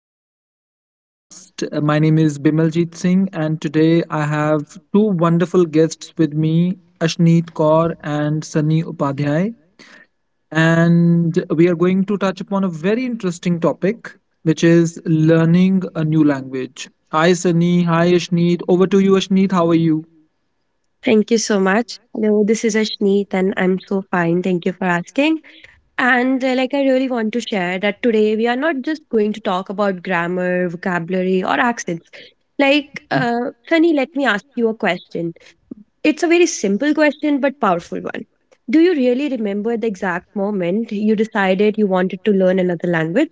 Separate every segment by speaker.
Speaker 1: episode of podcast. My name is Bimaljit Singh and today I have two wonderful guests with me, Ashneet Kaur and Sunny Upadhyay. And we are going to touch upon a very interesting topic, which is learning a new language. Hi Sunny, hi Ashneet. Over to you Ashneet, how are you?
Speaker 2: Thank you so much. Hello, this is Ashneet, and I'm so fine. Thank you for asking. I really want to share that today we are not just going to talk about grammar, vocabulary, or accents. Sunny, let me ask you a question. It's a very simple question, but powerful one. Do you really remember the exact moment you decided you wanted to learn another language?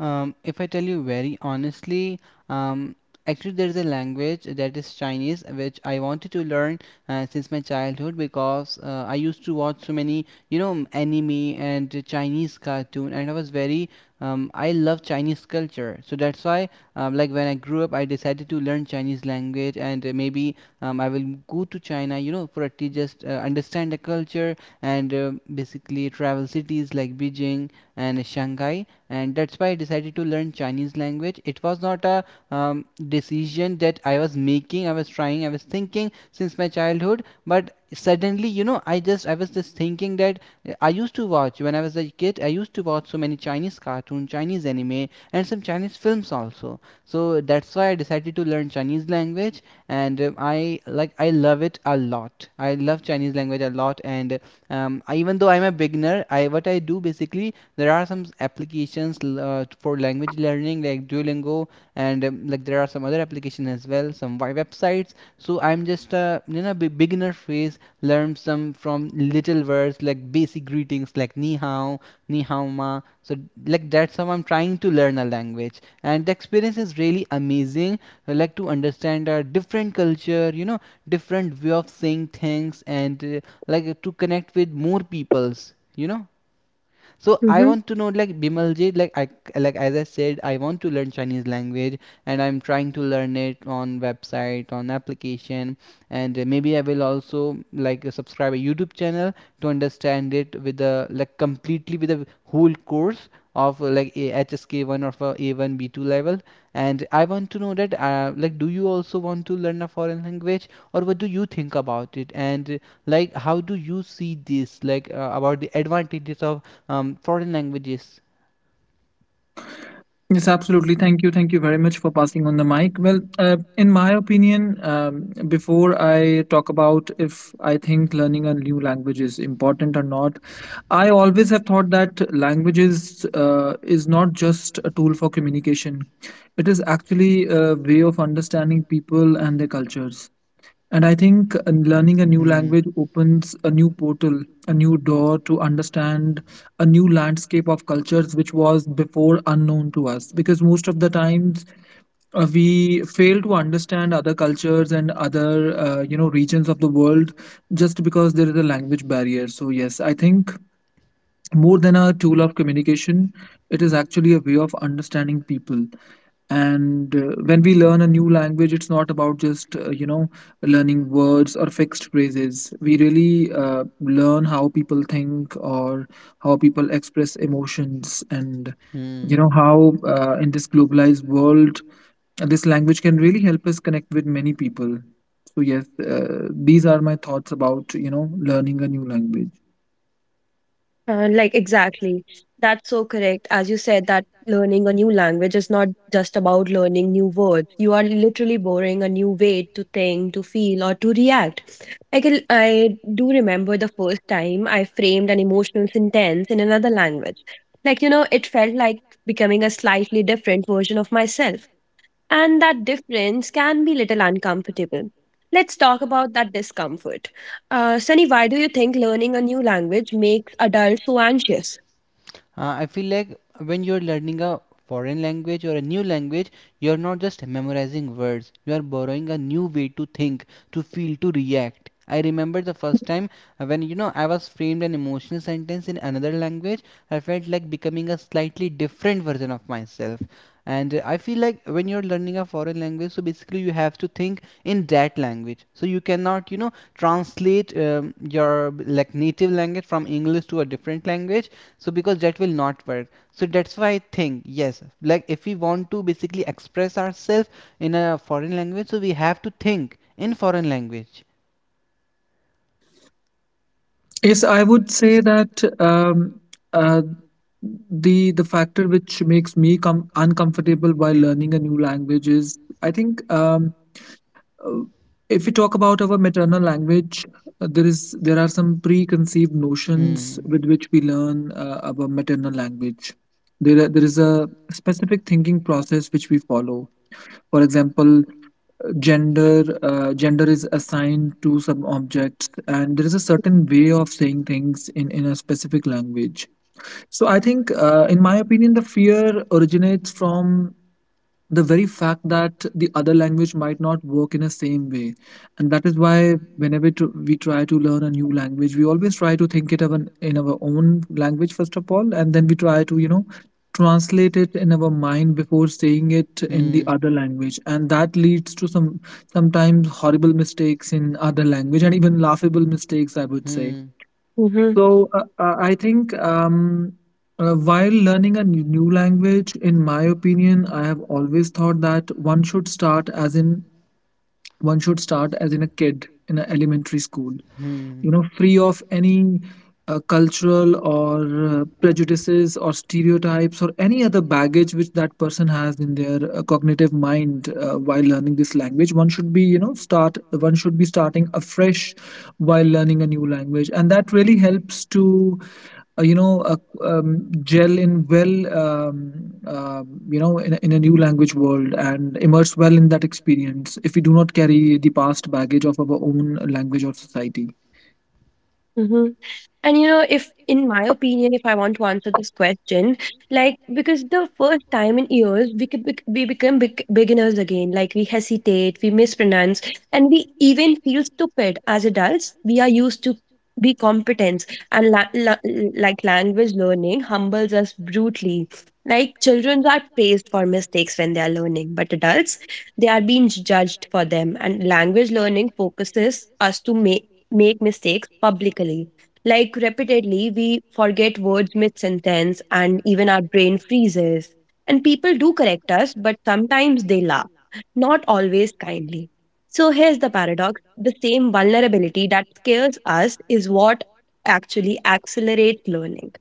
Speaker 3: If I tell you very honestly, um, actually there's a language that is Chinese which I wanted to learn since my childhood because I used to watch so many, you know, anime and Chinese cartoon, and I was I love Chinese culture. So that's why, like when I grew up, I decided to learn Chinese language, and maybe I will go to China, you know, for at least just understand the culture and basically travel cities like Beijing and Shanghai, and that's why I decided to learn Chinese language. It was not a decision that I was making, I was trying, I was thinking since my childhood, but suddenly, you know, I was just thinking that I used to watch when I was a kid, I used to watch so many Chinese cartoon, Chinese anime, and some Chinese films also. So that's why I decided to learn Chinese language, and I love it a lot. I love Chinese language a lot, and I, even though I'm a beginner, I what I do basically there are some applications for language learning like Duolingo and like there are some other applications as well, some websites, so I'm just you know beginner phase, learn some from little words like basic greetings like ni hao, ni hao ma, so like that's how I'm trying to learn a language, and the experience is really amazing. I like to understand a different culture, you know, different way of saying things, and like to connect with more peoples, you know. So I
Speaker 2: Mm-hmm.
Speaker 3: want to know, like, Bimalji, like as I said, I want to learn Chinese language, and I'm trying to learn it on website, on application, and maybe I will also like subscribe a YouTube channel to understand it with the, like, completely with the whole course of like a HSK 1, or for A1 B2 level. And I want to know that, like, do you also want to learn a foreign language, or what do you think about it? And like how do you see this, like about the advantages of foreign languages.
Speaker 1: Yes, absolutely. Thank you. Thank you very much for passing on the mic. Well, in my opinion, before I talk about if I think learning a new language is important or not, I always have thought that languages is not just a tool for communication. It is actually a way of understanding people and their cultures. And I think learning a new language opens a new portal, a new door to understand a new landscape of cultures which was before unknown to us. Because most of the times we fail to understand other cultures and other you know regions of the world just because there is a language barrier. So yes, I think more than a tool of communication, it is actually a way of understanding people, and when we learn a new language, it's not about just you know, learning words or fixed phrases. We really learn how people think or how people express emotions, and you
Speaker 3: And
Speaker 1: know
Speaker 3: Hmm.
Speaker 1: how, in this globalized world, this language can really help us connect with many people. So yes, these are my thoughts about, you know, learning a new language.
Speaker 2: Exactly. That's so correct. As you said, that learning a new language is not just about learning new words. You are literally borrowing a new way to think, to feel, or to react. I, can, I do remember the first time I framed an emotional sentence in another language. It felt like becoming a slightly different version of myself. And that difference can be little uncomfortable. Let's talk about that discomfort. Sunny, why do you think learning a new language makes adults so anxious?
Speaker 3: I feel like when you're learning a foreign language or a new language, you're not just memorizing words, you are borrowing a new way to think, to feel, to react. I remember the first time when you know I was framed an emotional sentence in another language, I felt like becoming a slightly different version of myself. And I feel like when you're learning a foreign language, so basically you have to think in that language. So you cannot, you know, translate your like native language from English to a different language, so because that will not work. So that's why I think, yes, like if we want to basically express ourselves in a foreign language, so we have to think in foreign language.
Speaker 1: Yes, I would say that uh, the factor which makes me come uncomfortable while learning a new language is, I think, uh, if we talk about our maternal language, there are some preconceived notions
Speaker 3: hmm
Speaker 1: with which we learn our maternal language. There is a specific thinking process which we follow. For example, gender is assigned to some objects, and there is a certain way of saying things in a specific language. So I think, in my opinion, the fear originates from the very fact that the other language might not work in the same way, and that is why whenever we try to learn a new language, we always try to think it in our own language first of all, and then we try to, you know, translate it in our mind before saying it in the
Speaker 3: hmm
Speaker 1: other language, and that leads to some sometimes horrible mistakes in other language, and even laughable mistakes, I would say.
Speaker 3: hmm
Speaker 2: Mm-hmm.
Speaker 1: So I think, while learning a new language, in my opinion, I have always thought that one should start as in a kid in an elementary school.
Speaker 3: hmm
Speaker 1: You know, free of any cultural or prejudices or stereotypes or any other baggage which that person has in their cognitive mind while learning this language. One should be, you know, start. One should be starting afresh while learning a new language, and that really helps to you know, gel in well um, you know, in a new language world and immerse well in that experience if we do not carry the past baggage of our own language or society.
Speaker 2: And you know, if in my opinion, if I want to answer this question, like because the first time in years we could beginners again. Like we hesitate, we mispronounce, and we even feel stupid as adults. We are used to be competence and language learning humbles us brutally. Like children are praised for mistakes when they are learning, but adults they are being judged for them. And language learning focuses us to make mistakes publicly like repeatedly. We forget words mid sentence and even our brain freezes. And people do correct us, but sometimes they laugh, not always kindly. So here's the paradox, the same vulnerability that scares us is what actually accelerates learning.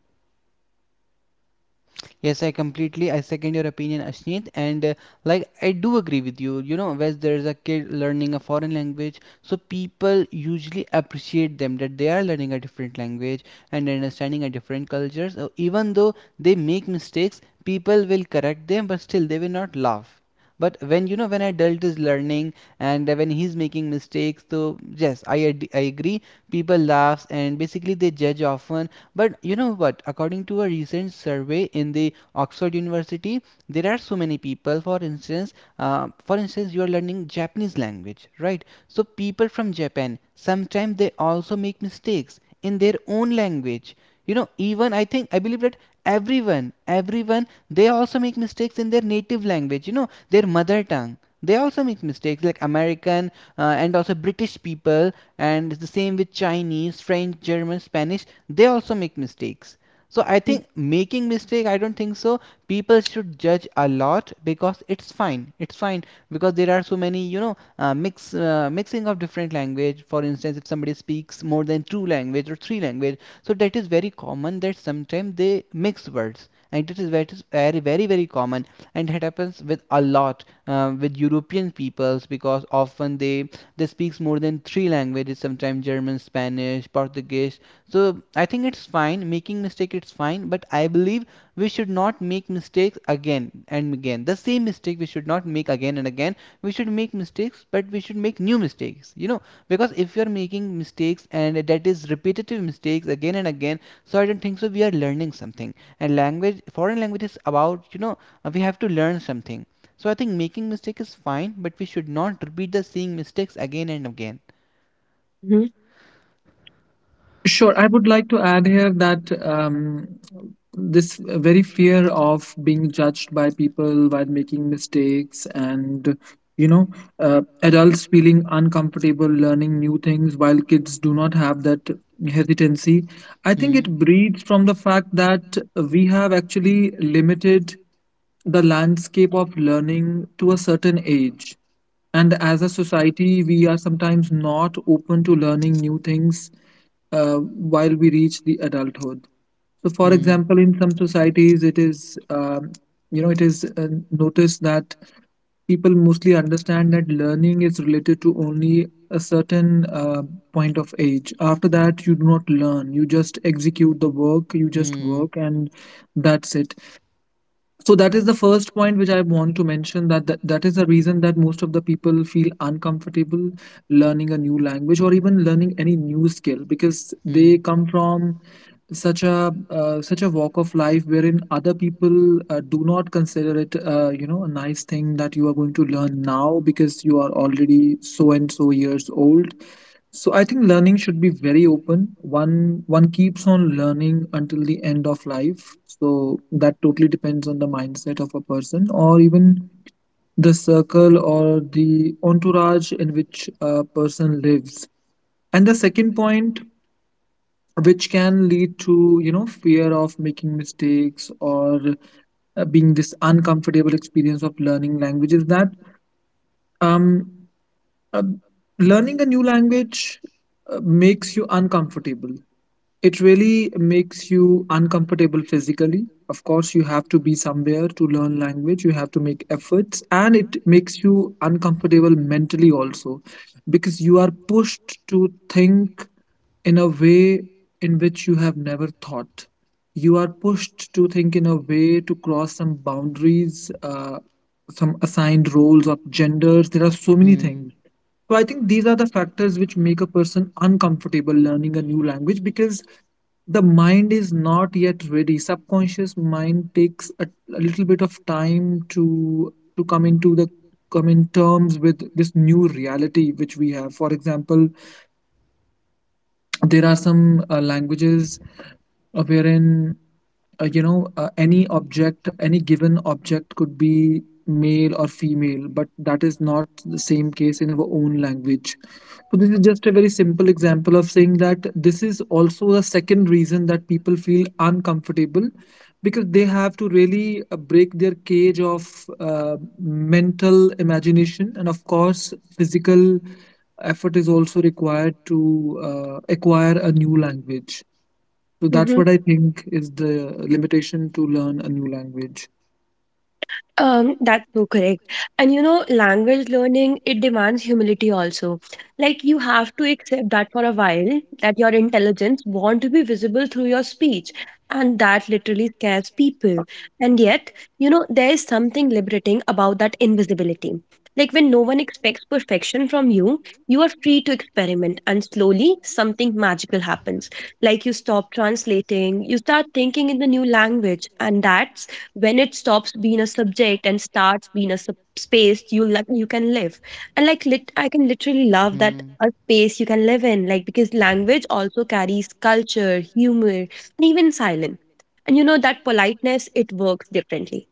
Speaker 3: Yes, I completely I second your opinion, Ashneet, and like I do agree with you. You know, when there is a kid learning a foreign language, so people usually appreciate them that they are learning a different language and understanding a different culture. So even though they make mistakes, people will correct them, but still they will not laugh. But when you know, when adult is learning, and when he's making mistakes, so yes, I agree. People laughs and basically they judge often. But you know what? According to a recent survey in the Oxford University, there are so many people. For instance, you are learning Japanese language, right? So people from Japan sometimes they also make mistakes in their own language. You know, even I think I believe that everyone, they also make mistakes in their native language. You know, their mother tongue. They also make mistakes, like American and also British people, and the same with Chinese, French, German, Spanish. They also make mistakes. So I think making mistake, I don't think so people should judge a lot, because it's fine, it's fine. Because there are so many, you know, mixing of different language. For instance, if somebody speaks more than two language or three language, so that is very common that sometimes they mix words, and it is very, very, very, very common. And it happens with a lot with European peoples, because often they speaks more than three languages, sometimes German, Spanish, Portuguese. So I think it's fine, making mistake, it's fine. But I believe we should not make mistakes again and again, the same mistake we should not make again and again. We should make mistakes, but we should make new mistakes, you know. Because if you're making mistakes and that is repetitive mistakes again and again, so I don't think so we are learning something. And language, foreign language is about, you know, we have to learn something. So I think making mistake is fine, but we should not repeat the same mistakes again and again.
Speaker 2: Mm-hmm.
Speaker 1: Sure, I would like to add here that, this very fear of being judged by people while making mistakes and, you know, adults feeling uncomfortable learning new things while kids do not have that hesitancy, I
Speaker 3: I
Speaker 1: think
Speaker 3: Hmm.
Speaker 1: it
Speaker 3: I
Speaker 1: breeds from the fact that we have actually limited the landscape of learning to a certain age, and as a society we are sometimes not open to learning new things while we reach the adulthood. So, for example, in some societies, it is, you know, it is noticed that people mostly understand that learning is related to only a certain point of age. After that, you do not learn; you just execute the work, you just work, and that's it. So that is the first point which I want to mention, that is the reason that most of the people feel uncomfortable learning a new language or even learning any new skill, because
Speaker 3: Hmm.
Speaker 1: they come from such a such a walk of life wherein other people do not consider it, you know, a nice thing that you are going to learn now because you are already so and so years old. So I think learning should be very open. One keeps on learning until the end of life, so that totally depends on the mindset of a person, or even the circle or the entourage in which a person lives. And the second point which can lead to, you know, fear of making mistakes or being this uncomfortable experience of learning languages, that um uh, learning a new language makes you uncomfortable. It really makes you uncomfortable physically. Of course, you have to be somewhere to learn language, you have to make efforts, and it makes you uncomfortable mentally also, because you are pushed to think in a way in which you have never thought. You are pushed to think in a way to cross some boundaries, some assigned roles or genders. There are so many things. So I think these are the factors which make a person uncomfortable learning a new language, because the mind is not yet ready. Subconscious mind takes a little bit of time to come into the come in terms with this new reality which we have. For example, there are some languages wherein you know, any object, any given object could be male or female, but that is not the same case in our own language. So this is just a very simple example of saying that this is also the second reason that people feel uncomfortable, because they have to really break their cage of mental imagination, and of course physical effort is also required to acquire a new language. So that's what I think is the limitation to learn a new language.
Speaker 2: That's so correct. And you know, language learning, it demands humility also. Like you have to accept that for a while, that your intelligence want to be visible through your speech. And that literally scares people. And yet, you know, there is something liberating about that invisibility. Like when no one expects perfection from you, you are free to experiment, and slowly something magical happens. Like you stop translating, you start thinking in the new language, and that when it stops being a subject and starts being a space you like you can live and like lit I can literally love that a space you can live in, like because language also carries culture, humor, and even silence. And you know that politeness, it works differently.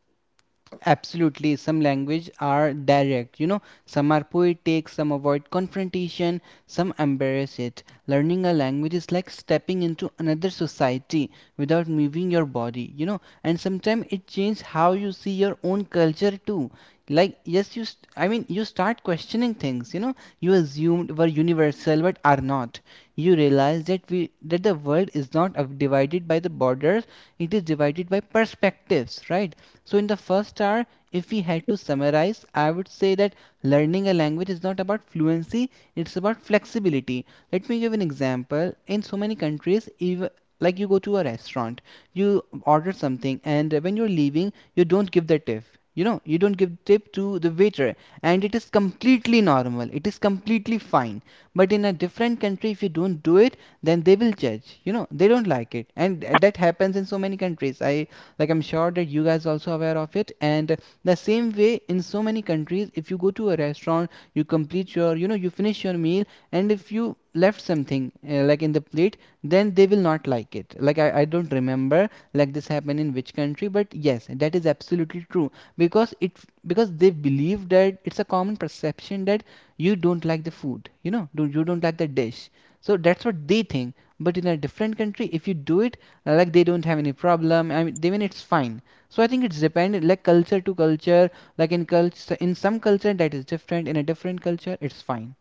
Speaker 3: Absolutely, some language are direct, you know, some are poetic, some avoid confrontation, some embrace it. Learning a language is like stepping into another society without moving your body, you know, and sometimes it changes how you see your own culture too. Like, yes, I mean, you start questioning things, you know, you assumed were universal but are not. You realize that we that the world is not divided by the borders, it is divided by perspectives, right? So, in the first hour, if we had to summarize, I would say that learning a language is not about fluency, it's about flexibility. Let me give an example. In so many countries, even like you go to a restaurant, you order something, and when you're leaving, you don't give the tip. You know, you don't give tip to the waiter, and it is completely normal. It is completely fine. But in a different country, if you don't do it, then they will judge. You know, they don't like it, and that happens in so many countries. I like I'm sure that you guys also aware of it. And the same way, in so many countries, if you go to a restaurant, you complete your, you know, you finish your meal, and if you left something like in the plate, then they will not like it. Like I don't remember like this happened in which country, but yes, that is absolutely true. Because it because they believe that it's a common perception that you don't like the food, you know, do you don't like the dish. So that's what they think. But in a different country, if you do it, like they don't have any problem, I mean, they mean it's fine. So I think it's dependent like culture to culture. Like in culture, in some culture that is different, in a different culture it's fine.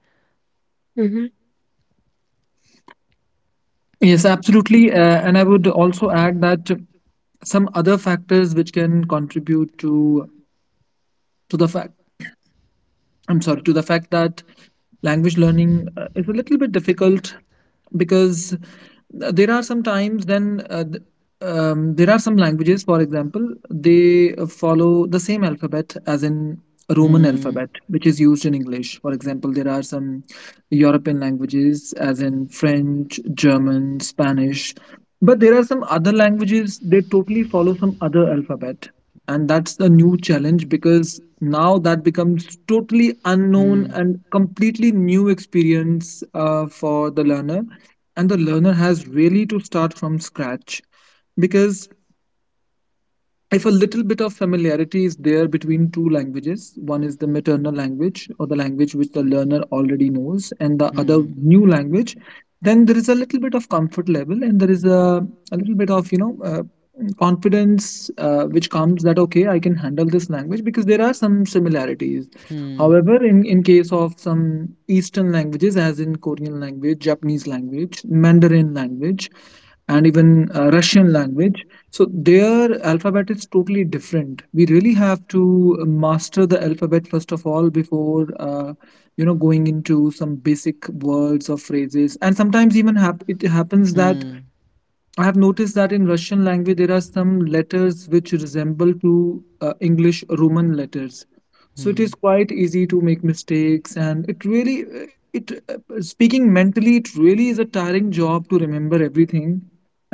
Speaker 2: Hmm.
Speaker 1: Yes, absolutely. And I would also add that some other factors which can contribute to the fact, I'm sorry, to the fact that language learning is a little bit difficult, because there are some times then there are some languages, for example, they follow the same alphabet as in Roman
Speaker 3: Hmm
Speaker 1: alphabet which is used in English, for example. There are some European languages as in French, German, Spanish, but there are some other languages they totally follow some other alphabet, and that's the new challenge, because now that becomes totally unknown
Speaker 3: hmm
Speaker 1: and completely new experience for the learner, and the learner has really to start from scratch, because if a little bit of familiarity is there between two languages, one is the maternal language or the language which the learner already knows, and the other
Speaker 3: hmm
Speaker 1: new language, then there is a little bit of comfort level, and there is a little bit of, you know, confidence which comes that, okay, I can handle this language because there are some similarities.
Speaker 3: hmm
Speaker 1: However, in case of some Eastern languages, as in Korean language, Japanese language, Mandarin language, and even Russian language, so their alphabet is totally different. We really have to master the alphabet first of all before you know, going into some basic words or phrases. And sometimes even it happens that
Speaker 3: that
Speaker 1: I have noticed that in Russian language there are some letters which resemble to English Roman letters. So it
Speaker 3: Hmm.
Speaker 1: is quite easy to make mistakes, and it really it speaking mentally, it really is a tiring job to remember everything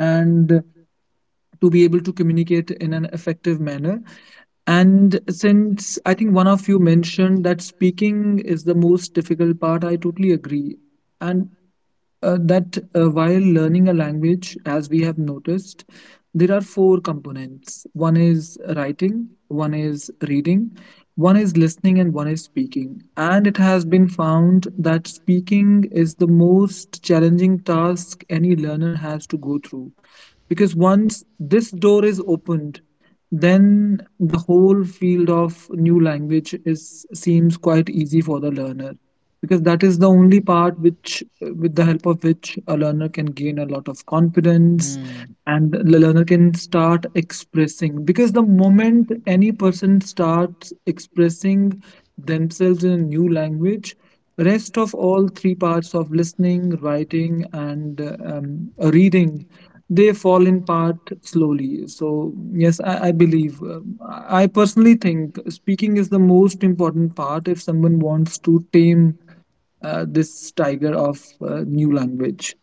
Speaker 1: and to be able to communicate in an effective manner. And since I think one of you mentioned that speaking is the most difficult part, I totally agree. And that while learning a language, as we have noticed, there are four components: one is writing, one is reading, one is listening, and one is speaking. And it has been found that speaking is the most challenging task any learner has to go through, because once this door is opened, then the whole field of new language is seems quite easy for the learner, because that is the only part which with the help of which a learner can gain a lot of confidence, and the learner can start expressing, because the moment any person starts expressing themselves in a new language, rest of all three parts of listening, writing, and reading, they fall in part slowly. So yes, I believe, I personally think speaking is the most important part if someone wants to tame this tiger of new language.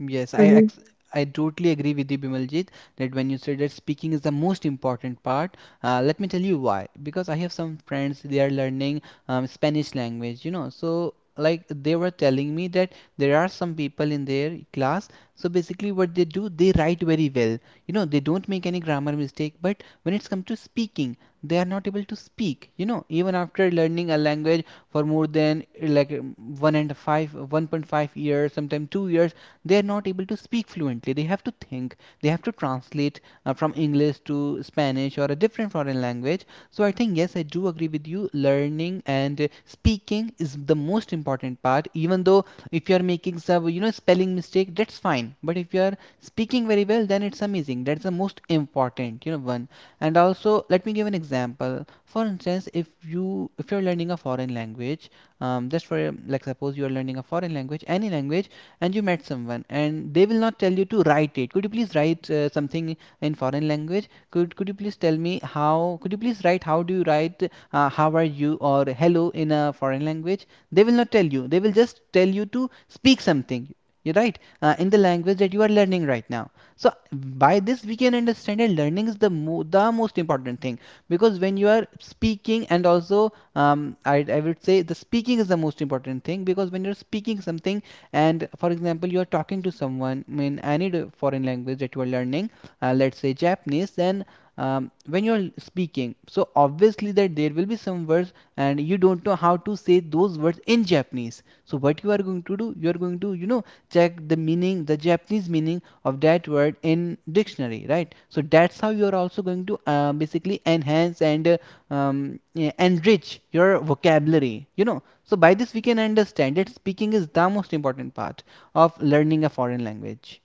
Speaker 3: Yes, I totally agree with you, Bimaljit, that when you say that speaking is the most important part, let me tell you why. Because I have some friends, they are learning Spanish language, you know. So like they were telling me that there are some people in their class. So basically, what they do, they write very well. You know, they don't make any grammar mistake. But when it's come to speaking, they are not able to speak. You know, even after learning a language for more than like 1.5 years, sometimes 2 years. They are not able to speak fluently, they have to think, they have to translate from English to Spanish or a different foreign language. So I think, yes, I do agree with you. Learning and speaking is the most important part, even though if you are making some, spelling mistake, that's fine. But if you are speaking very well, then it's amazing. That's the most important, one. And also, let me give an example. For instance, if you if you're learning a foreign language, just for, like, suppose you are learning a foreign language, any language, and you met someone, and they will not tell you to write. It could you please write something in foreign language, could you please tell me how, could you please write, how do you write how are you or hello in a foreign language? They will not tell you, they will just tell you to speak something. You're right, in the language that you are learning right now. So by this we can understand that learning is the most important thing, because when you are speaking. And also, I would say the speaking is the most important thing, because when you're speaking something, and for example, you are talking to someone in any foreign language that you are learning, let's say Japanese. Then when you're speaking, so obviously that there will be some words and you don't know how to say those words in Japanese. So what you are going to do, you are going to, you know, check the meaning, the Japanese meaning of that word in dictionary, right? So that's how you are also going to basically enhance, and enrich your vocabulary, you know. So by this we can understand that speaking is the most important part of learning a foreign language.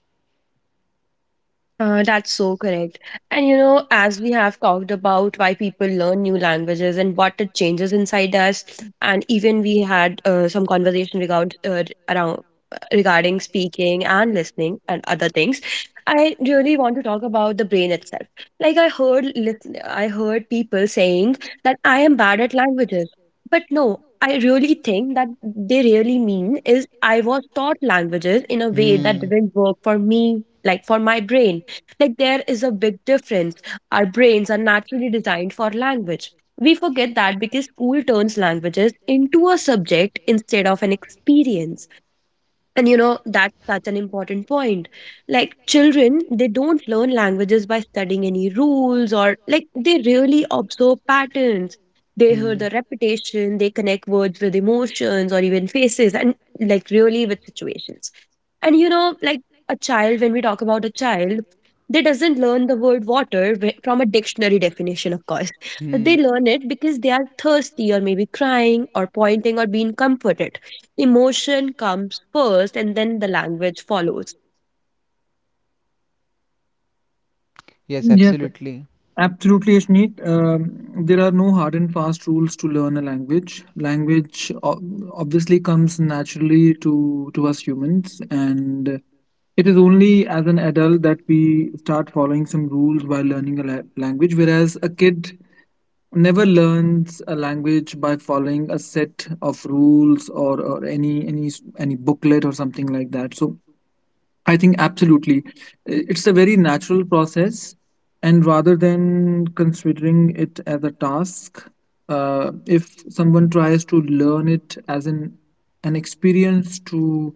Speaker 2: That's so correct. And you know, as we have talked about why people learn new languages and what it changes inside us, and even we had some conversation regarding speaking and listening and other things. I really want to talk about the brain itself. Like I heard people saying that I am bad at languages, but no. I really think that they really mean is I was taught languages in a way that
Speaker 3: Hmm.
Speaker 2: didn't work for me, like for my brain. Like there is a big difference. Our brains are naturally designed for language. We forget that because school turns languages into a subject instead of an experience. And you know, that's such an important point. Like children, they don't learn languages by studying any rules, or like they really observe patterns. They hear the repetition, they connect words with emotions or even faces and like really with situations. And you know, like a child, when we talk about a child, they doesn't learn the word water from a dictionary definition, of course.
Speaker 3: Hmm.
Speaker 2: They learn it because they are thirsty or maybe crying or pointing or being comforted. Emotion comes first and then the language follows.
Speaker 3: Yes.
Speaker 1: Yes, absolutely, Ashneet. There are no hard and fast rules to learn a language. Language obviously comes naturally to, us humans, and it is only as an adult that we start following some rules while learning a language, whereas a kid never learns a language by following a set of rules or any booklet or something like that. So I think absolutely. It's a very natural process. And rather than considering it as a task, if someone tries to learn it as an experience to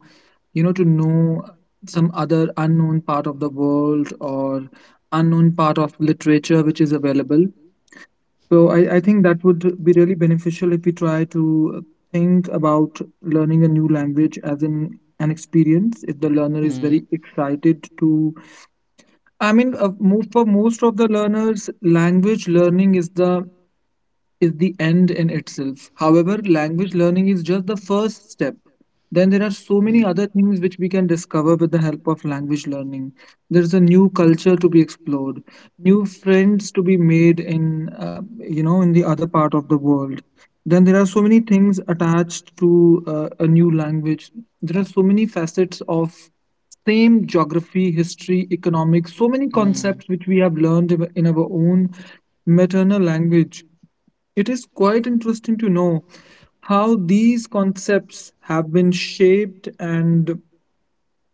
Speaker 1: to know some other unknown part of the world or unknown part of literature which is available, so I think that would be really beneficial if we try to think about learning a new language as an experience. If the learner is very excited to, for most of the learners, language learning is the end in itself. However, language learning is just the first step. Then there are so many other things which we can discover with the help of language learning. There's a new culture to be explored, new friends to be made in in the other part of the world. Then there are so many things attached to a new language. There are so many facets of same geography, history, economics, so many
Speaker 3: Hmm.
Speaker 1: concepts which we have learned in our own maternal language. It is quite interesting to know how these concepts have been shaped and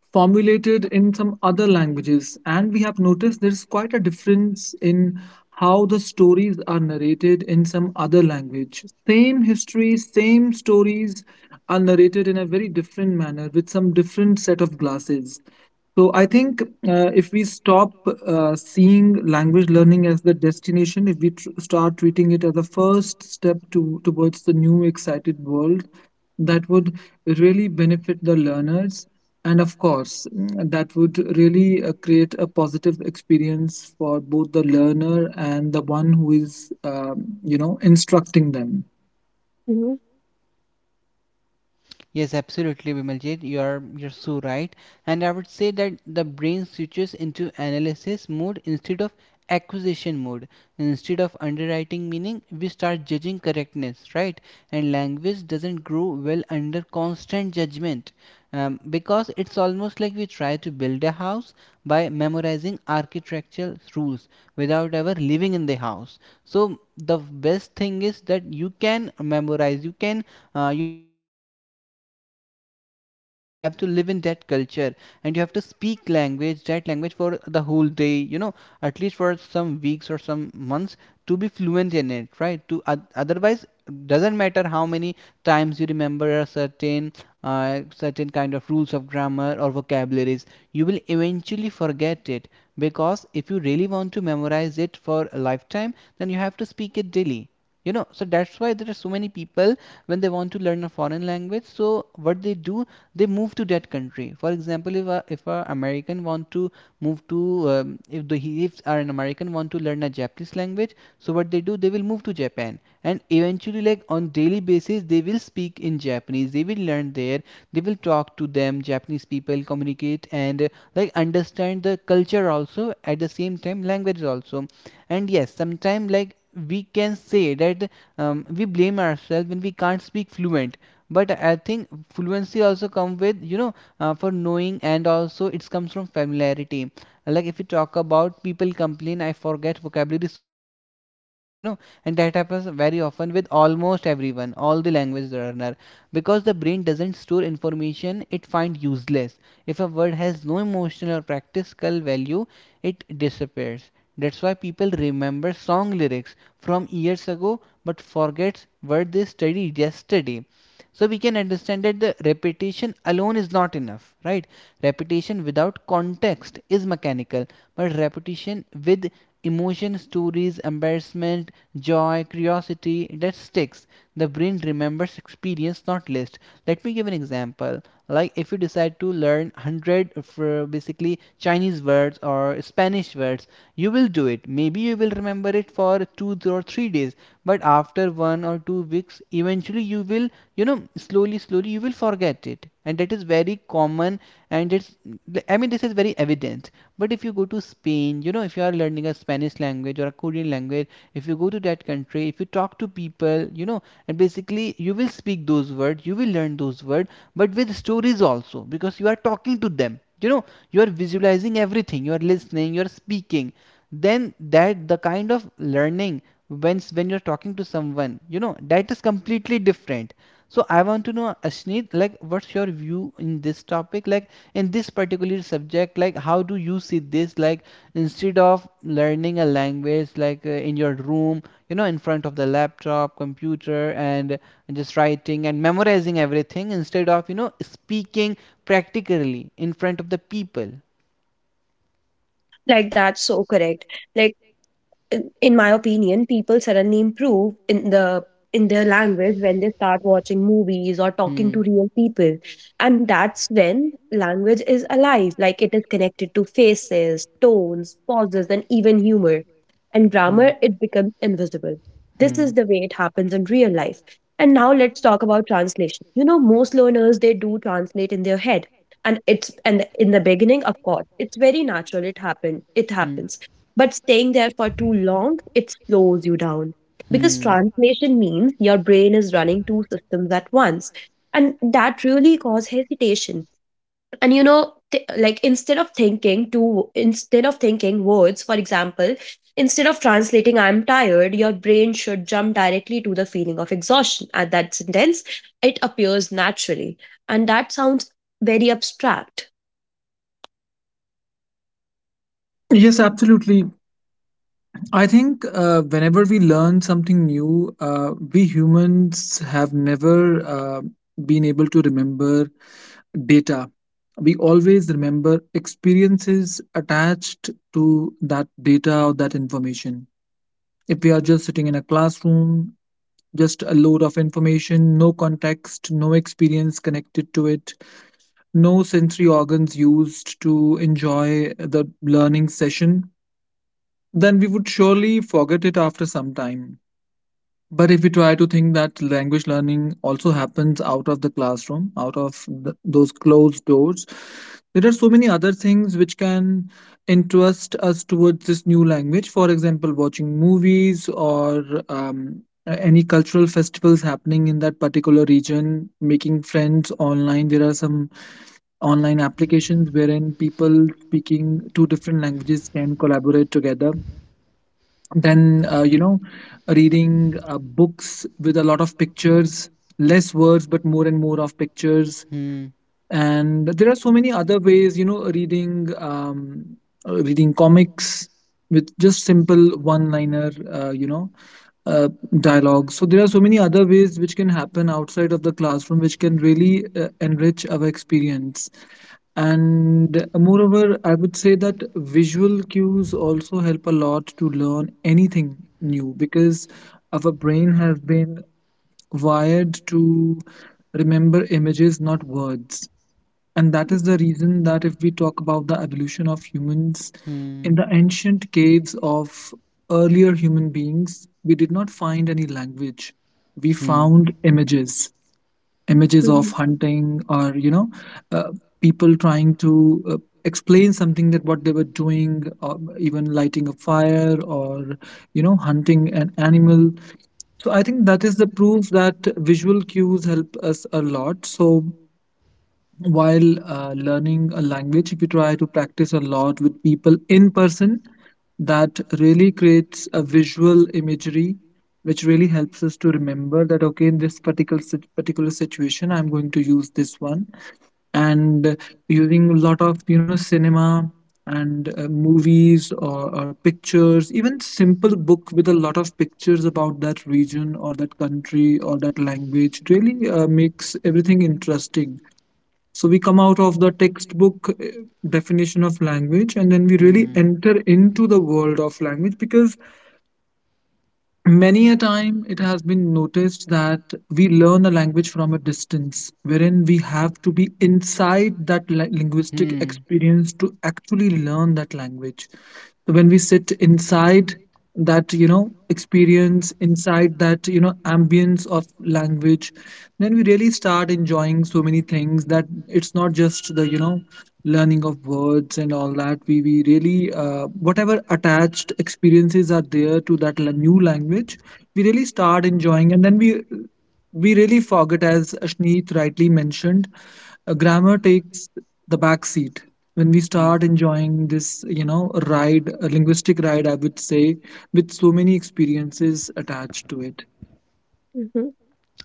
Speaker 1: formulated in some other languages. And we have noticed there's quite a difference in how the stories are narrated in some other language. Same history, same stories are narrated in a very different manner with some different set of glasses. So I think if we stop seeing language learning as the destination, if we start treating it as a first step to towards the new excited world, that would really benefit the learners, and of course, that would really create a positive experience for both the learner and the one who is, instructing them.
Speaker 2: Mhm.
Speaker 3: Yes, absolutely, Bimaljit. You're so right. And I would say that the brain switches into analysis mode instead of acquisition mode. Instead of underwriting meaning, we start judging correctness, right? And language doesn't grow well under constant judgment. Because it's almost like we try to build a house by memorizing architectural rules without ever living in the house. So the best thing is that you can memorize, you can, practice grammar. But like, first of all, you have to live in that culture, and you have to speak language, that language, for the whole day, you know, at least for some weeks or some months to be fluent in it, right? To otherwise, doesn't matter how many times you remember a certain, certain kind of rules of grammar or vocabularies, you will eventually forget it. Because if you really want to memorize it for a lifetime, then you have to speak it daily. So that's why there are so many people, when they want to learn a foreign language, so what they do, they move to that country. For example, if an American want to move to, if the he- if an American want to learn a Japanese language, so what they do, they will move to Japan, and eventually, like, on daily basis, they will speak in Japanese, they will learn there, they will talk to them Japanese people, communicate, and like, understand the culture also at the same time, language also. And yes, sometime, like, we can say that we blame ourselves when we can't speak fluent. But I think fluency also come with, for knowing, and also it comes from familiarity. Like, if you talk about people complain, I forget vocabulary so, so fast. And that happens very often with almost everyone, all the language learner, because the brain doesn't store information it finds useless. If a word has no emotional or practical value, it disappears. That's why people remember song lyrics from years ago, but forgets what they studied yesterday. So we can understand that the repetition alone is not enough, right? Repetition without context is mechanical, but repetition with emotion, stories, embarrassment, joy, curiosity, that sticks. The brain remembers experience, not list. Let me give an example. Like, if you decide to learn 100 of, basically Chinese words or Spanish words, you will do it. Maybe you will remember it for 2 or 3 days, but after 1 or 2 weeks, eventually you will, slowly slowly you will forget it, and that is very common. And it's I mean, this is very evident. But if you go to Spain, you know, if you are learning a Spanish language or a Korean language, if you go to that country, if you talk to people, you know, and basically, you will speak those words, you will learn those words, but with stories also, because you are talking to them, you know, you are visualizing everything, you are listening, you are speaking. Then that, the kind of learning, when you're talking to someone, you know, that is completely different. So I want to know, Ashneet, like, what's your view in this topic, like, in this particular subject, like, how do you see this. Like, instead of learning a language like, in your room, you know, in front of the laptop computer, and just writing and memorizing everything, instead of, speaking practically in front of the people.
Speaker 2: Like that's so correct. Like in my opinion, people suddenly improve in the in their language when they start watching movies or talking
Speaker 3: Hmm.
Speaker 2: to real people. And that's when language is alive, like it is connected to faces, tones, pauses, and even humor. And
Speaker 3: Hmm.
Speaker 2: grammar,
Speaker 3: Hmm.
Speaker 2: it becomes invisible. This
Speaker 3: Hmm.
Speaker 2: is the way it happens in real life. And now let's talk about translation. You know, most learners they do translate in their head. And it's and in the beginning, of course, it's very natural. It happened. It
Speaker 3: Hmm.
Speaker 2: happens, but staying there for too long, it slows you down. Because
Speaker 3: Hmm.
Speaker 2: translation means your brain is running two systems at once. And that really causes hesitation. And you know, instead of thinking words, for example, instead of translating I'm tired, your brain should jump directly to the feeling of exhaustion. At that sentence, it appears naturally. And that sounds very abstract.
Speaker 1: Yes, absolutely. I think whenever we learn something new, we humans have never been able to remember data. We always remember experiences attached to that data or that information. If we are just sitting in a classroom, just a load of information, no context, no experience connected to it, no sensory organs used to enjoy the learning session, then we would surely forget it after some time. But if we try to think that language learning also happens out of the classroom, out of th those closed doors, there are so many other things which can interest us towards this new language. For example, watching movies or um, any cultural festivals happening in that particular region, making friends online. There are some online applications wherein people speaking two different languages can collaborate together, then reading books with a lot of pictures, less words but more and more of pictures. And there are so many other ways, reading, reading comics with just simple one liner uh, dialogue. So there are so many other ways which can happen outside of the classroom, which can really enrich our experience. And moreover, I would say that visual cues also help a lot to learn anything new because our brain has been wired to remember images, not words. And that is the reason that if we talk about the evolution of humans, in the ancient caves of earlier human beings, we did not find any language. We
Speaker 3: Hmm. Hmm.
Speaker 1: found images, images
Speaker 2: Mhm.
Speaker 1: of hunting or, uh, people trying to explain something that what they were doing, or even lighting a fire or, hunting an animal. So I think that is the proof that visual cues help us a lot. So while learning a language, if you try to practice a lot with people in person, that really creates a visual imagery which really helps us to remember that okay in this particular situation I'm going to use this one. And using a lot of cinema and movies or pictures, even simple book with a lot of pictures about that region or that country or that language, really makes everything interesting. So we come out of the textbook definition of language and then we really enter into the world of language. Because many a time, it has been noticed that we learn a language from a distance, wherein we have to be inside that linguistic experience to actually learn that language. So when we sit inside that, experience, inside that, ambience of language, then we really start enjoying so many things that it's not just the, learning of words and all, that we really whatever attached experiences are there to that new language, we really start enjoying. And then we really forget, as Ashneet rightly mentioned, grammar takes the back seat when we start enjoying this, ride, a linguistic ride I would say, with so many experiences attached to it.
Speaker 2: Mhm.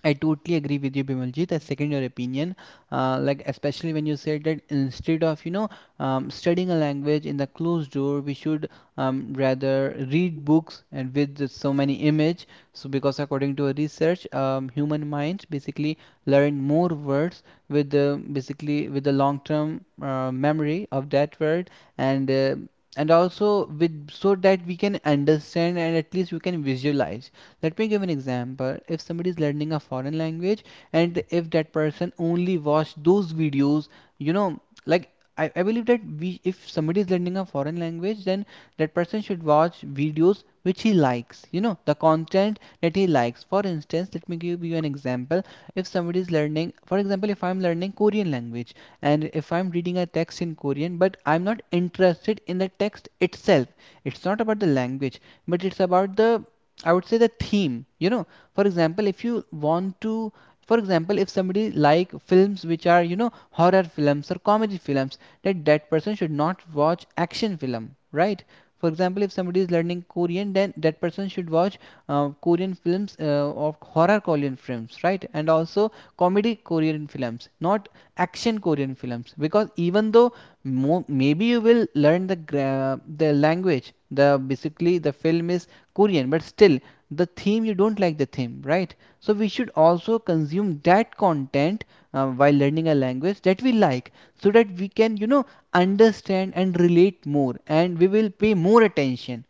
Speaker 3: I totally agree with you, Bimaljit. I second your opinion. Like, especially when you said that instead of, studying a language in the closed door, we should, rather read books and with the so many image. So because according to a research, human minds basically learn more words with the, basically with the long term memory of that word. And. And also with, so that we can understand and at least we can visualize. Let me give an example. If somebody is learning a foreign language, and if that person only watch those videos, you know, like, I believe that, we if somebody is learning a foreign language, then that person should watch videos which he likes, you know, the content that he likes. For instance, let me give you an example. If somebody is learning, for example, if I'm learning Korean language, and if I'm reading a text in Korean, but I'm not interested in the text itself. It's not about the language, but it's about the I would say the theme. You know, for example, if you want to, for example, if somebody like films which are, horror films or comedy films, that person should not watch action film, right? For example, if somebody is learning Korean, then that person should watch Korean films, of horror Korean films, right? And also comedy Korean films, not action Korean films, because even though, maybe you will learn the language, the, basically, the film is Korean, but still, the theme, you don't like the theme, right? So we should also consume that content, while learning a language that we like, so that we can, you know, understand and relate more, and we will pay more attention,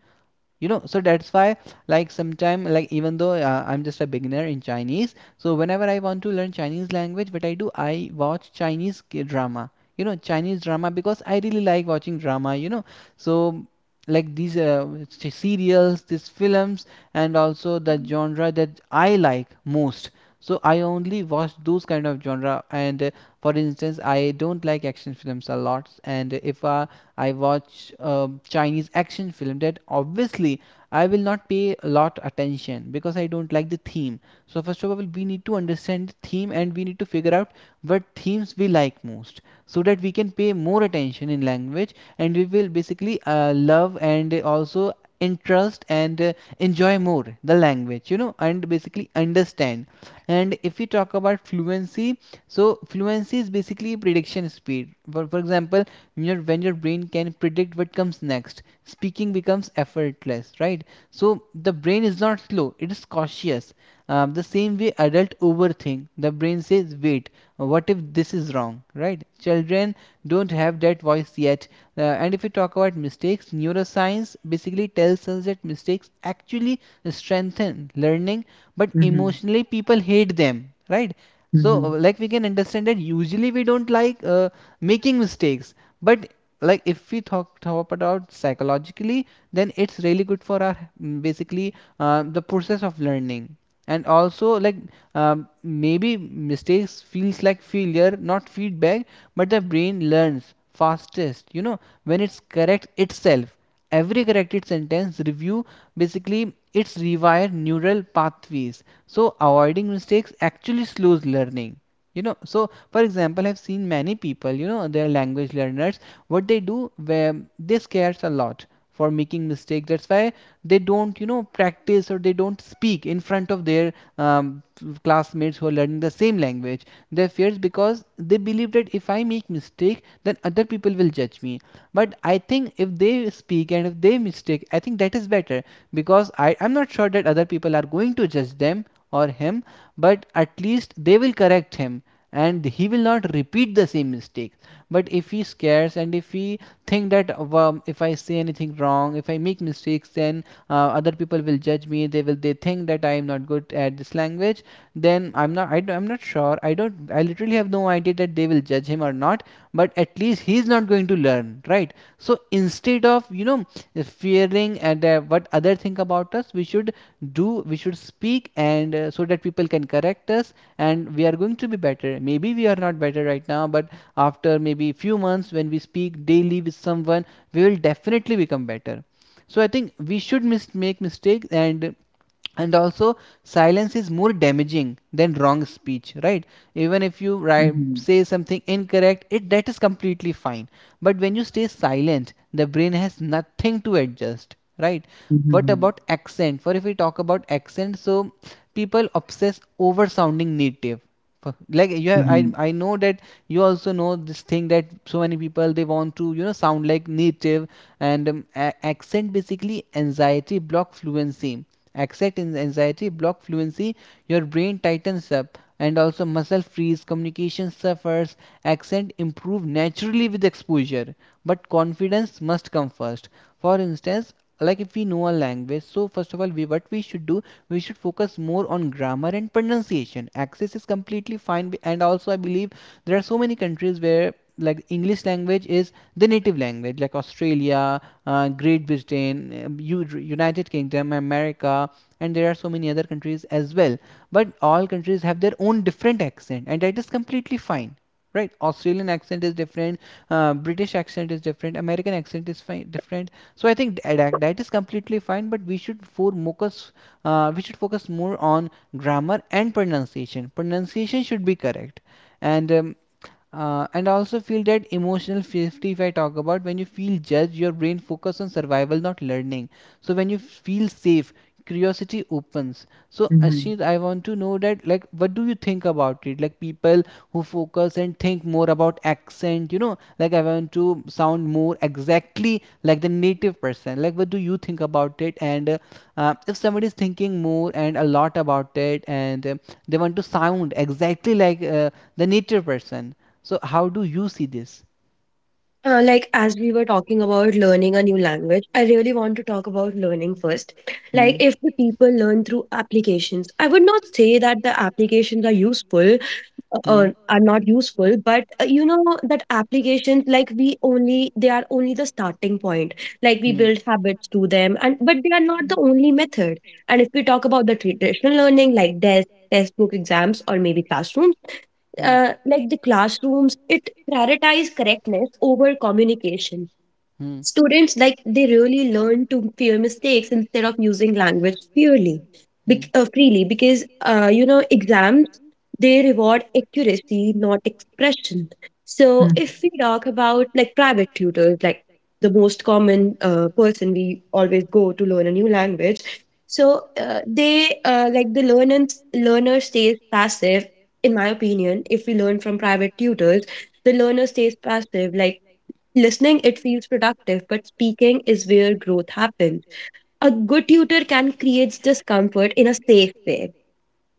Speaker 3: so that's why, like, sometime, like, even though, I'm just a beginner in Chinese, so whenever I want to learn Chinese language, what I do, I watch Chinese drama, you know, Chinese drama, because I really like watching drama, you know. So like these serials, these films, and also the genre that I like most. So I only watch those kind of genre, and for instance, I don't like action films a lot, and if I watch a Chinese action film, that obviously I will not pay a lot attention, because I don't like the theme. So first of all, we need to understand the theme, and we need to figure out what themes we like most, so that we can pay more attention in language, and we will basically, love, and also interest, and enjoy more the language, you know, and basically understand. And if we talk about fluency, so fluency is basically prediction speed. For example, your, when your brain can predict what comes next, speaking becomes effortless, right? So the brain is not slow, it is cautious. The same way adult overthink, the brain says, wait, what if this is wrong, right? Children don't have that voice yet. And if we talk about mistakes, neuroscience basically tells us that mistakes actually strengthen learning, but
Speaker 1: Mm-hmm.
Speaker 3: emotionally people hate them, right? So
Speaker 1: Mm-hmm.
Speaker 3: like, we can understand that usually we don't like making mistakes. But like, if we talk about psychologically, then it's really good for our, basically, the process of learning. And also, like, maybe mistakes feels like failure, not feedback. But the brain learns fastest, you know, when it's correct itself. Every corrected sentence review, basically, it's rewire neural pathways. So avoiding mistakes actually slows learning, you know. So for example, I've seen many people, you know, they're language learners, what they do, where they scares a lot for making mistakes. That's why they don't practice, or they don't speak in front of their um, classmates who are learning the same language. They fears because they believe that if I make mistake, then other people will judge me. But I think if they speak and if they mistake, I think that is better, because I'm not sure that other people are going to judge them, or him. But at least they will correct him, and he will not repeat the same mistake. But if he scares and if he think that well, if I say anything wrong, if I make mistakes, then uh, other people will judge me. They think that I am not good at this language. Then I am not sure. I literally have no idea that they will judge him or not. But at least he's not going to learn, right? So instead of fearing and what other think about us, we should speak, and so that people can correct us. And we are going to be better. Maybe we are not better right now, but after maybe few months when we speak daily with someone, we will definitely become better. So I think we should make mistakes, and also, silence is more damaging than wrong speech, right? Even if you write
Speaker 1: Mm-hmm.
Speaker 3: say something incorrect, it that is completely fine. But when you stay silent, the brain has nothing to adjust, right? What
Speaker 1: Mm-hmm.
Speaker 3: about accent, for if we talk about accent? So people obsess over sounding native. For- like you have I,
Speaker 1: Mm-hmm.
Speaker 3: I know that you also know this thing that so many people they want to sound like native. And accent basically anxiety block fluency accent in anxiety block fluency. Your brain tightens up, and also muscle freeze, communication suffers. Accent improve naturally with exposure, but confidence must come first. For instance, like if we know a language, so first of all, we what we should do, we should focus more on grammar and pronunciation. Accent is completely fine, and also I believe there are so many countries where like English language is the native language, like Australia, Great Britain, United Kingdom, America, and there are so many other countries as well. But all countries have their own different accent, and that is completely fine. Right, Australian accent is different, British accent is different, American accent is different. So I think that is completely fine, but we should focus more on grammar and pronunciation. Pronunciation should be correct, and and I also feel that emotional safety, if I talk about, when you feel judged, your brain focus on survival, not learning. So when you feel safe, curiosity opens. So
Speaker 1: Mm-hmm. Mm-hmm.
Speaker 3: Ashid, I want to know that like what do you think about it? Like people who focus and think more about accent, like I want to sound more exactly like the native person. Like what do you think about it? And if somebody is thinking more and a lot about it, and they want to sound exactly like the native person, so how do you see this?
Speaker 2: As we were talking about learning a new language, I really want to talk about learning first. Like
Speaker 3: Hmm,
Speaker 2: if the people learn through applications, I would not say that the applications are useful
Speaker 3: hmm,
Speaker 2: are not useful, but you know that applications like we only they are only the starting point. Like we build habits to them, and but they are not the only method. And if we talk about the traditional learning, like desk, test book exams, or maybe classrooms,
Speaker 3: hmm,
Speaker 2: like the classrooms, it prioritize correctness over communication.
Speaker 3: hmm,
Speaker 2: Students like they really learn to fear mistakes instead of using language purely,
Speaker 3: hmm,
Speaker 2: freely, because you know exams, they reward accuracy not expression. So if we talk about like private tutors, like the most common person we always go to learn a new language, so they like the learner stays passive. In my opinion, if we learn from private tutors, the learner stays passive. Like listening, it feels productive, but speaking is where growth happens. A good tutor can create discomfort in a safe way.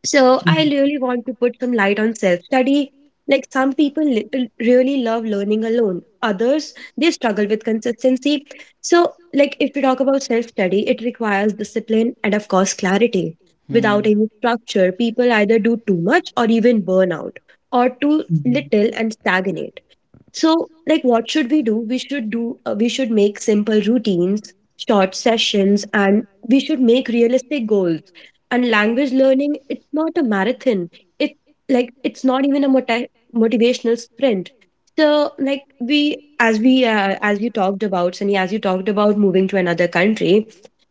Speaker 2: So, I
Speaker 1: Mm-hmm.
Speaker 2: really want to put some light on self study. Like some people really love learning alone, others, they struggle with consistency. So, like if we talk about self study, it requires discipline and, of course, clarity. Without
Speaker 3: hmm,
Speaker 2: any structure, people either do too much or even burn out, or too
Speaker 1: Mm-hmm.
Speaker 2: little and stagnate. So, like, what should we do? We should make simple routines, short sessions, and we should make realistic goals. And language learning, it's not a marathon. It it's not even a motivational sprint. So, like as you talked about, Sunny, as you talked about moving to another country,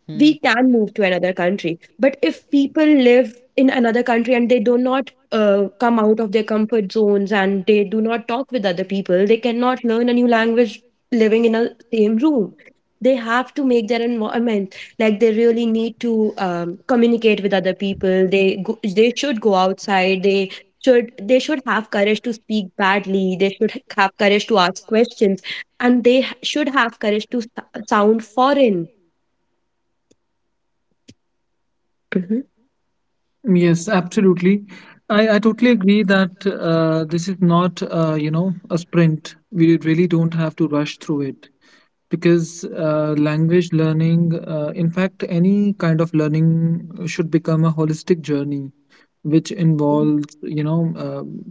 Speaker 3: hmm,
Speaker 2: we can move to another country, but if people live in another country and they do not come out of their comfort zones and they do not talk with other people, they cannot learn a new language living in a same room. They have to make their environment, like they really need to communicate with other people. They should go outside. They should have courage to speak badly. They should have courage to ask questions, and they should have courage to sound foreign. Hmm.
Speaker 1: Yes, absolutely. I totally agree that this is not, a sprint. We really don't have to rush through it because language learning, in fact, any kind of learning should become a holistic journey, which involves,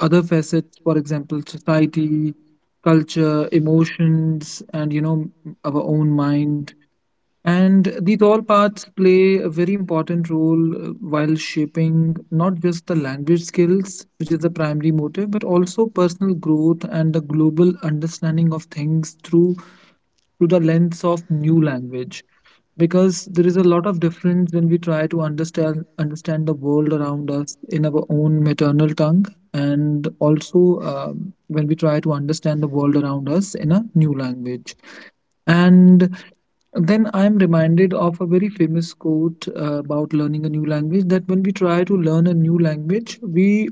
Speaker 1: other facets, for example, society, culture, emotions, and, our own mind, and these all parts play a very important role while shaping not just the language skills, which is the primary motive, but also personal growth and the global understanding of things through the lens of new language. Because there is a lot of difference when we try to understand the world around us in our own maternal tongue, and also when we try to understand the world around us in a new language. And then I'm reminded of a very famous quote about learning a new language, that when we try to learn a new language, we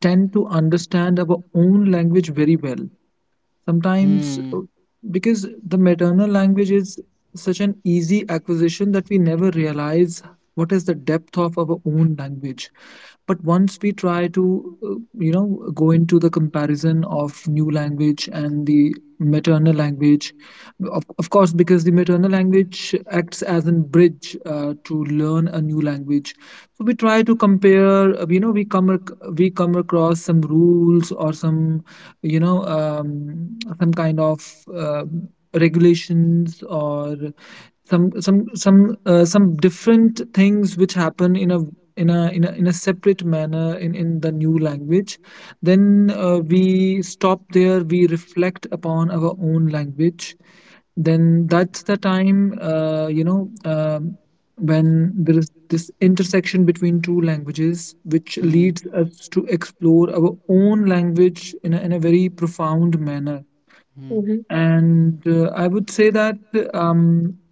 Speaker 1: tend to understand our own language very well. Sometimes,
Speaker 3: hmm,
Speaker 1: because the maternal language is such an easy acquisition that we never realize what is the depth of our own language. But once we try to, go into the comparison of new language and the maternal language, of course, because the maternal language acts as a bridge to learn a new language. So we try to compare. You know, we we come across some rules or some some kind of uh, regulations or some different things which happen in a in a separate manner in the new language. Then we stop there, we reflect upon our own language, then that's the time, when there is this intersection between two languages, which
Speaker 3: hmm.
Speaker 1: leads us to explore our own language in a, very profound manner.
Speaker 3: Hmm,
Speaker 2: Mhm.
Speaker 1: And I would say that, um,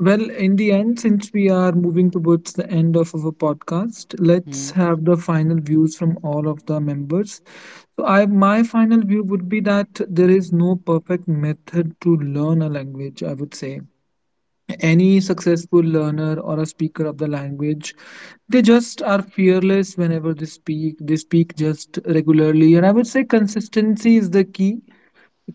Speaker 1: well, in the end, since we are moving towards the end of our podcast, let's have the final views from all of the members. So, I my final view would be that there is no perfect method to learn a language. I would say any successful learner or a speaker of the language, they just are fearless whenever they speak. They speak just regularly, and I would say consistency is the key.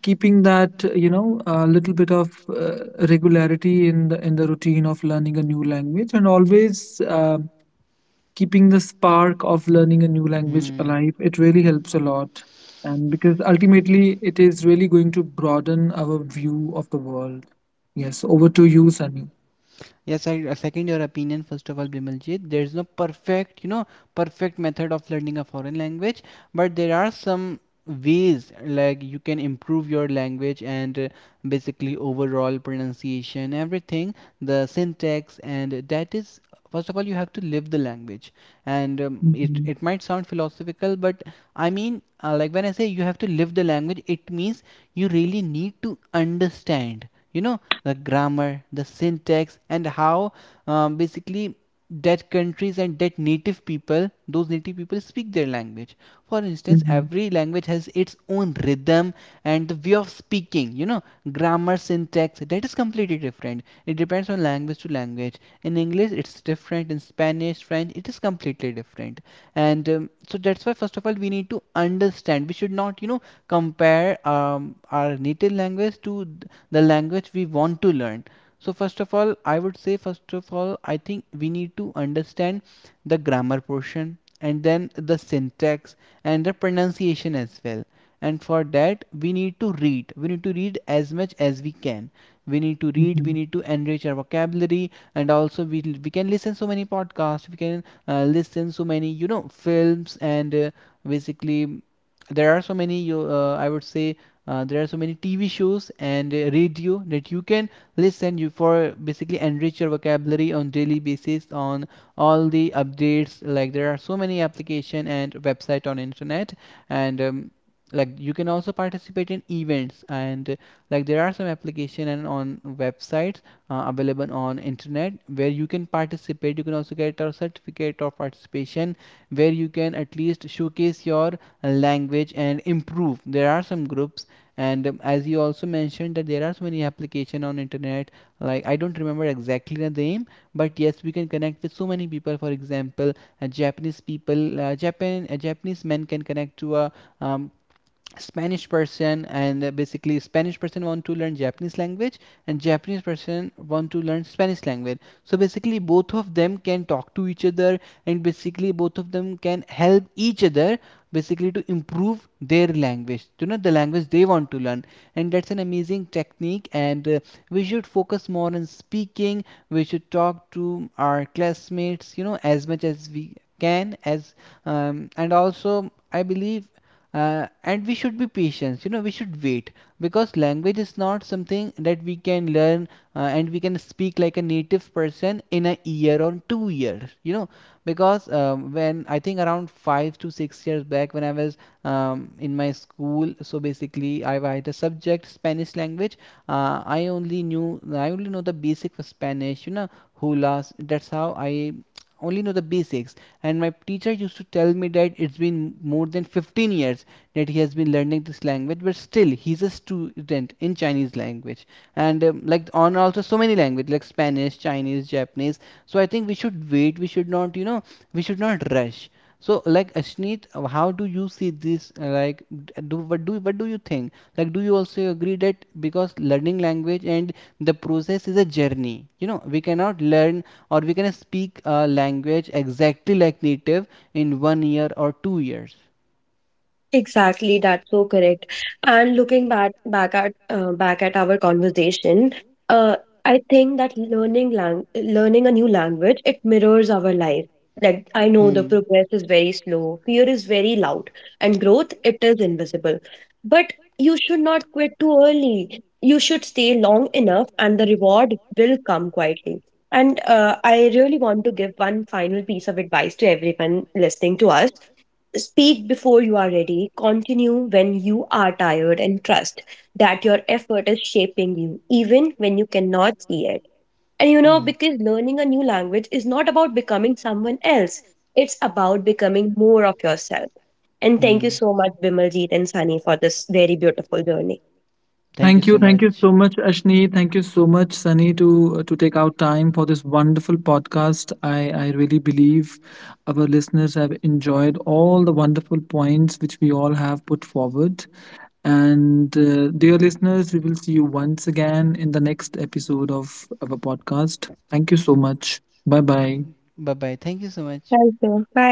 Speaker 1: Keeping that, a little bit of regularity in the routine of learning a new language, and always keeping the spark of learning a new language alive. It really helps a lot, and because ultimately it is really going to broaden our view of the world. Yes, over to you, Sunny.
Speaker 3: yes, I second your opinion. First of all, Bimaljit, there is no perfect method of learning a foreign language, but there are some ways like you can improve your language and basically overall pronunciation, everything, the syntax, and that is, first of all, you have to live the language. And it
Speaker 1: hmm
Speaker 3: it might sound philosophical, but I mean like when I say you have to live the language, it means you really need to understand the grammar, the syntax, and how basically that countries and that native people those native people speak their language. For instance,
Speaker 1: hmm
Speaker 3: every language has its own rhythm and the way of speaking, grammar, syntax, that is completely different. It depends on language to language. In English, it's different. In Spanish, French, it is completely different. And so that's why, first of all, we need to understand, we should not compare our native language to the language we want to learn. So first of all, I think we need to understand the grammar portion, and then the syntax, and the pronunciation as well. And for that, we need to read as much as we can. We
Speaker 1: hmm
Speaker 3: need to enrich our vocabulary. And also, we can listen so many podcasts. We can listen so many films, and basically there are so many you I would say there are so many TV shows, and radio, that you can listen you for basically enrich your vocabulary on daily basis, on all the updates. Like there are so many application and website on internet, and like you can also participate in events, and like there are some application and on websites available on internet, where you can participate, you can also get a certificate of participation, where you can at least showcase your language and improve. There are some groups, and as you also mentioned that there are so many application on internet, like I don't remember exactly the name, but yes, we can connect with so many people. For example, japanese people japan Japanese men can connect to a um, Spanish person, and basically Spanish person want to learn Japanese language, and Japanese person want to learn Spanish language. So basically, both of them can talk to each other, and basically, both of them can help each other, basically to improve their language, the language they want to learn. And that's an amazing technique, and we should focus more on speaking. We should talk to our classmates, as much as we can, as and also I believe, and we should be patient, we should wait, because language is not something that we can learn, and we can speak like a native person in a year or two years. Because when I think around 5 to 6 years back, when I was in my school, so basically I had a subject Spanish language. I only know the basic for Spanish, hulas, that's how I only know the basics. And my teacher used to tell me that it's been more than 15 years that he has been learning this language, but still he's a student in Chinese language. And like on also so many language, like Spanish, Chinese, Japanese. So I think we should wait, we should not rush. So like Ashneet, how do you see this? Like do what do what do you think? Like do you also agree that because learning language and the process is a journey, we cannot learn, or we can speak a language exactly like native, in 1 year or 2 years.
Speaker 2: Exactly, that's so correct. And looking back back at our conversation, uh, I think that learning a new language, it mirrors our life. Like I know the
Speaker 3: Hmm.
Speaker 2: progress is very slow, fear is very loud, and growth, it is invisible. But you should not quit too early. You should stay long enough, and the reward will come quietly. And I really want to give one final piece of advice to everyone listening to us. Speak before you are ready, continue when you are tired, and trust that your effort is shaping you, even when you cannot see it. And you know,
Speaker 3: Hmm.
Speaker 2: because learning a new language is not about becoming someone else, it's about becoming more of yourself. And thank you
Speaker 3: Hmm.
Speaker 2: so much, Bimaljeet and Sunny, for this very beautiful journey.
Speaker 3: Thank you
Speaker 1: Thank you,
Speaker 3: so, yes, much.
Speaker 1: so much, Ashni. Thank you so much, Sunny, to take out time for this wonderful podcast. I really believe our listeners have enjoyed all the wonderful points which we all have put forward. And dear listeners, we will see you once again in the next episode of our podcast. Thank you so much. Bye bye.
Speaker 3: Bye bye. Thank you so much.
Speaker 2: Thank you.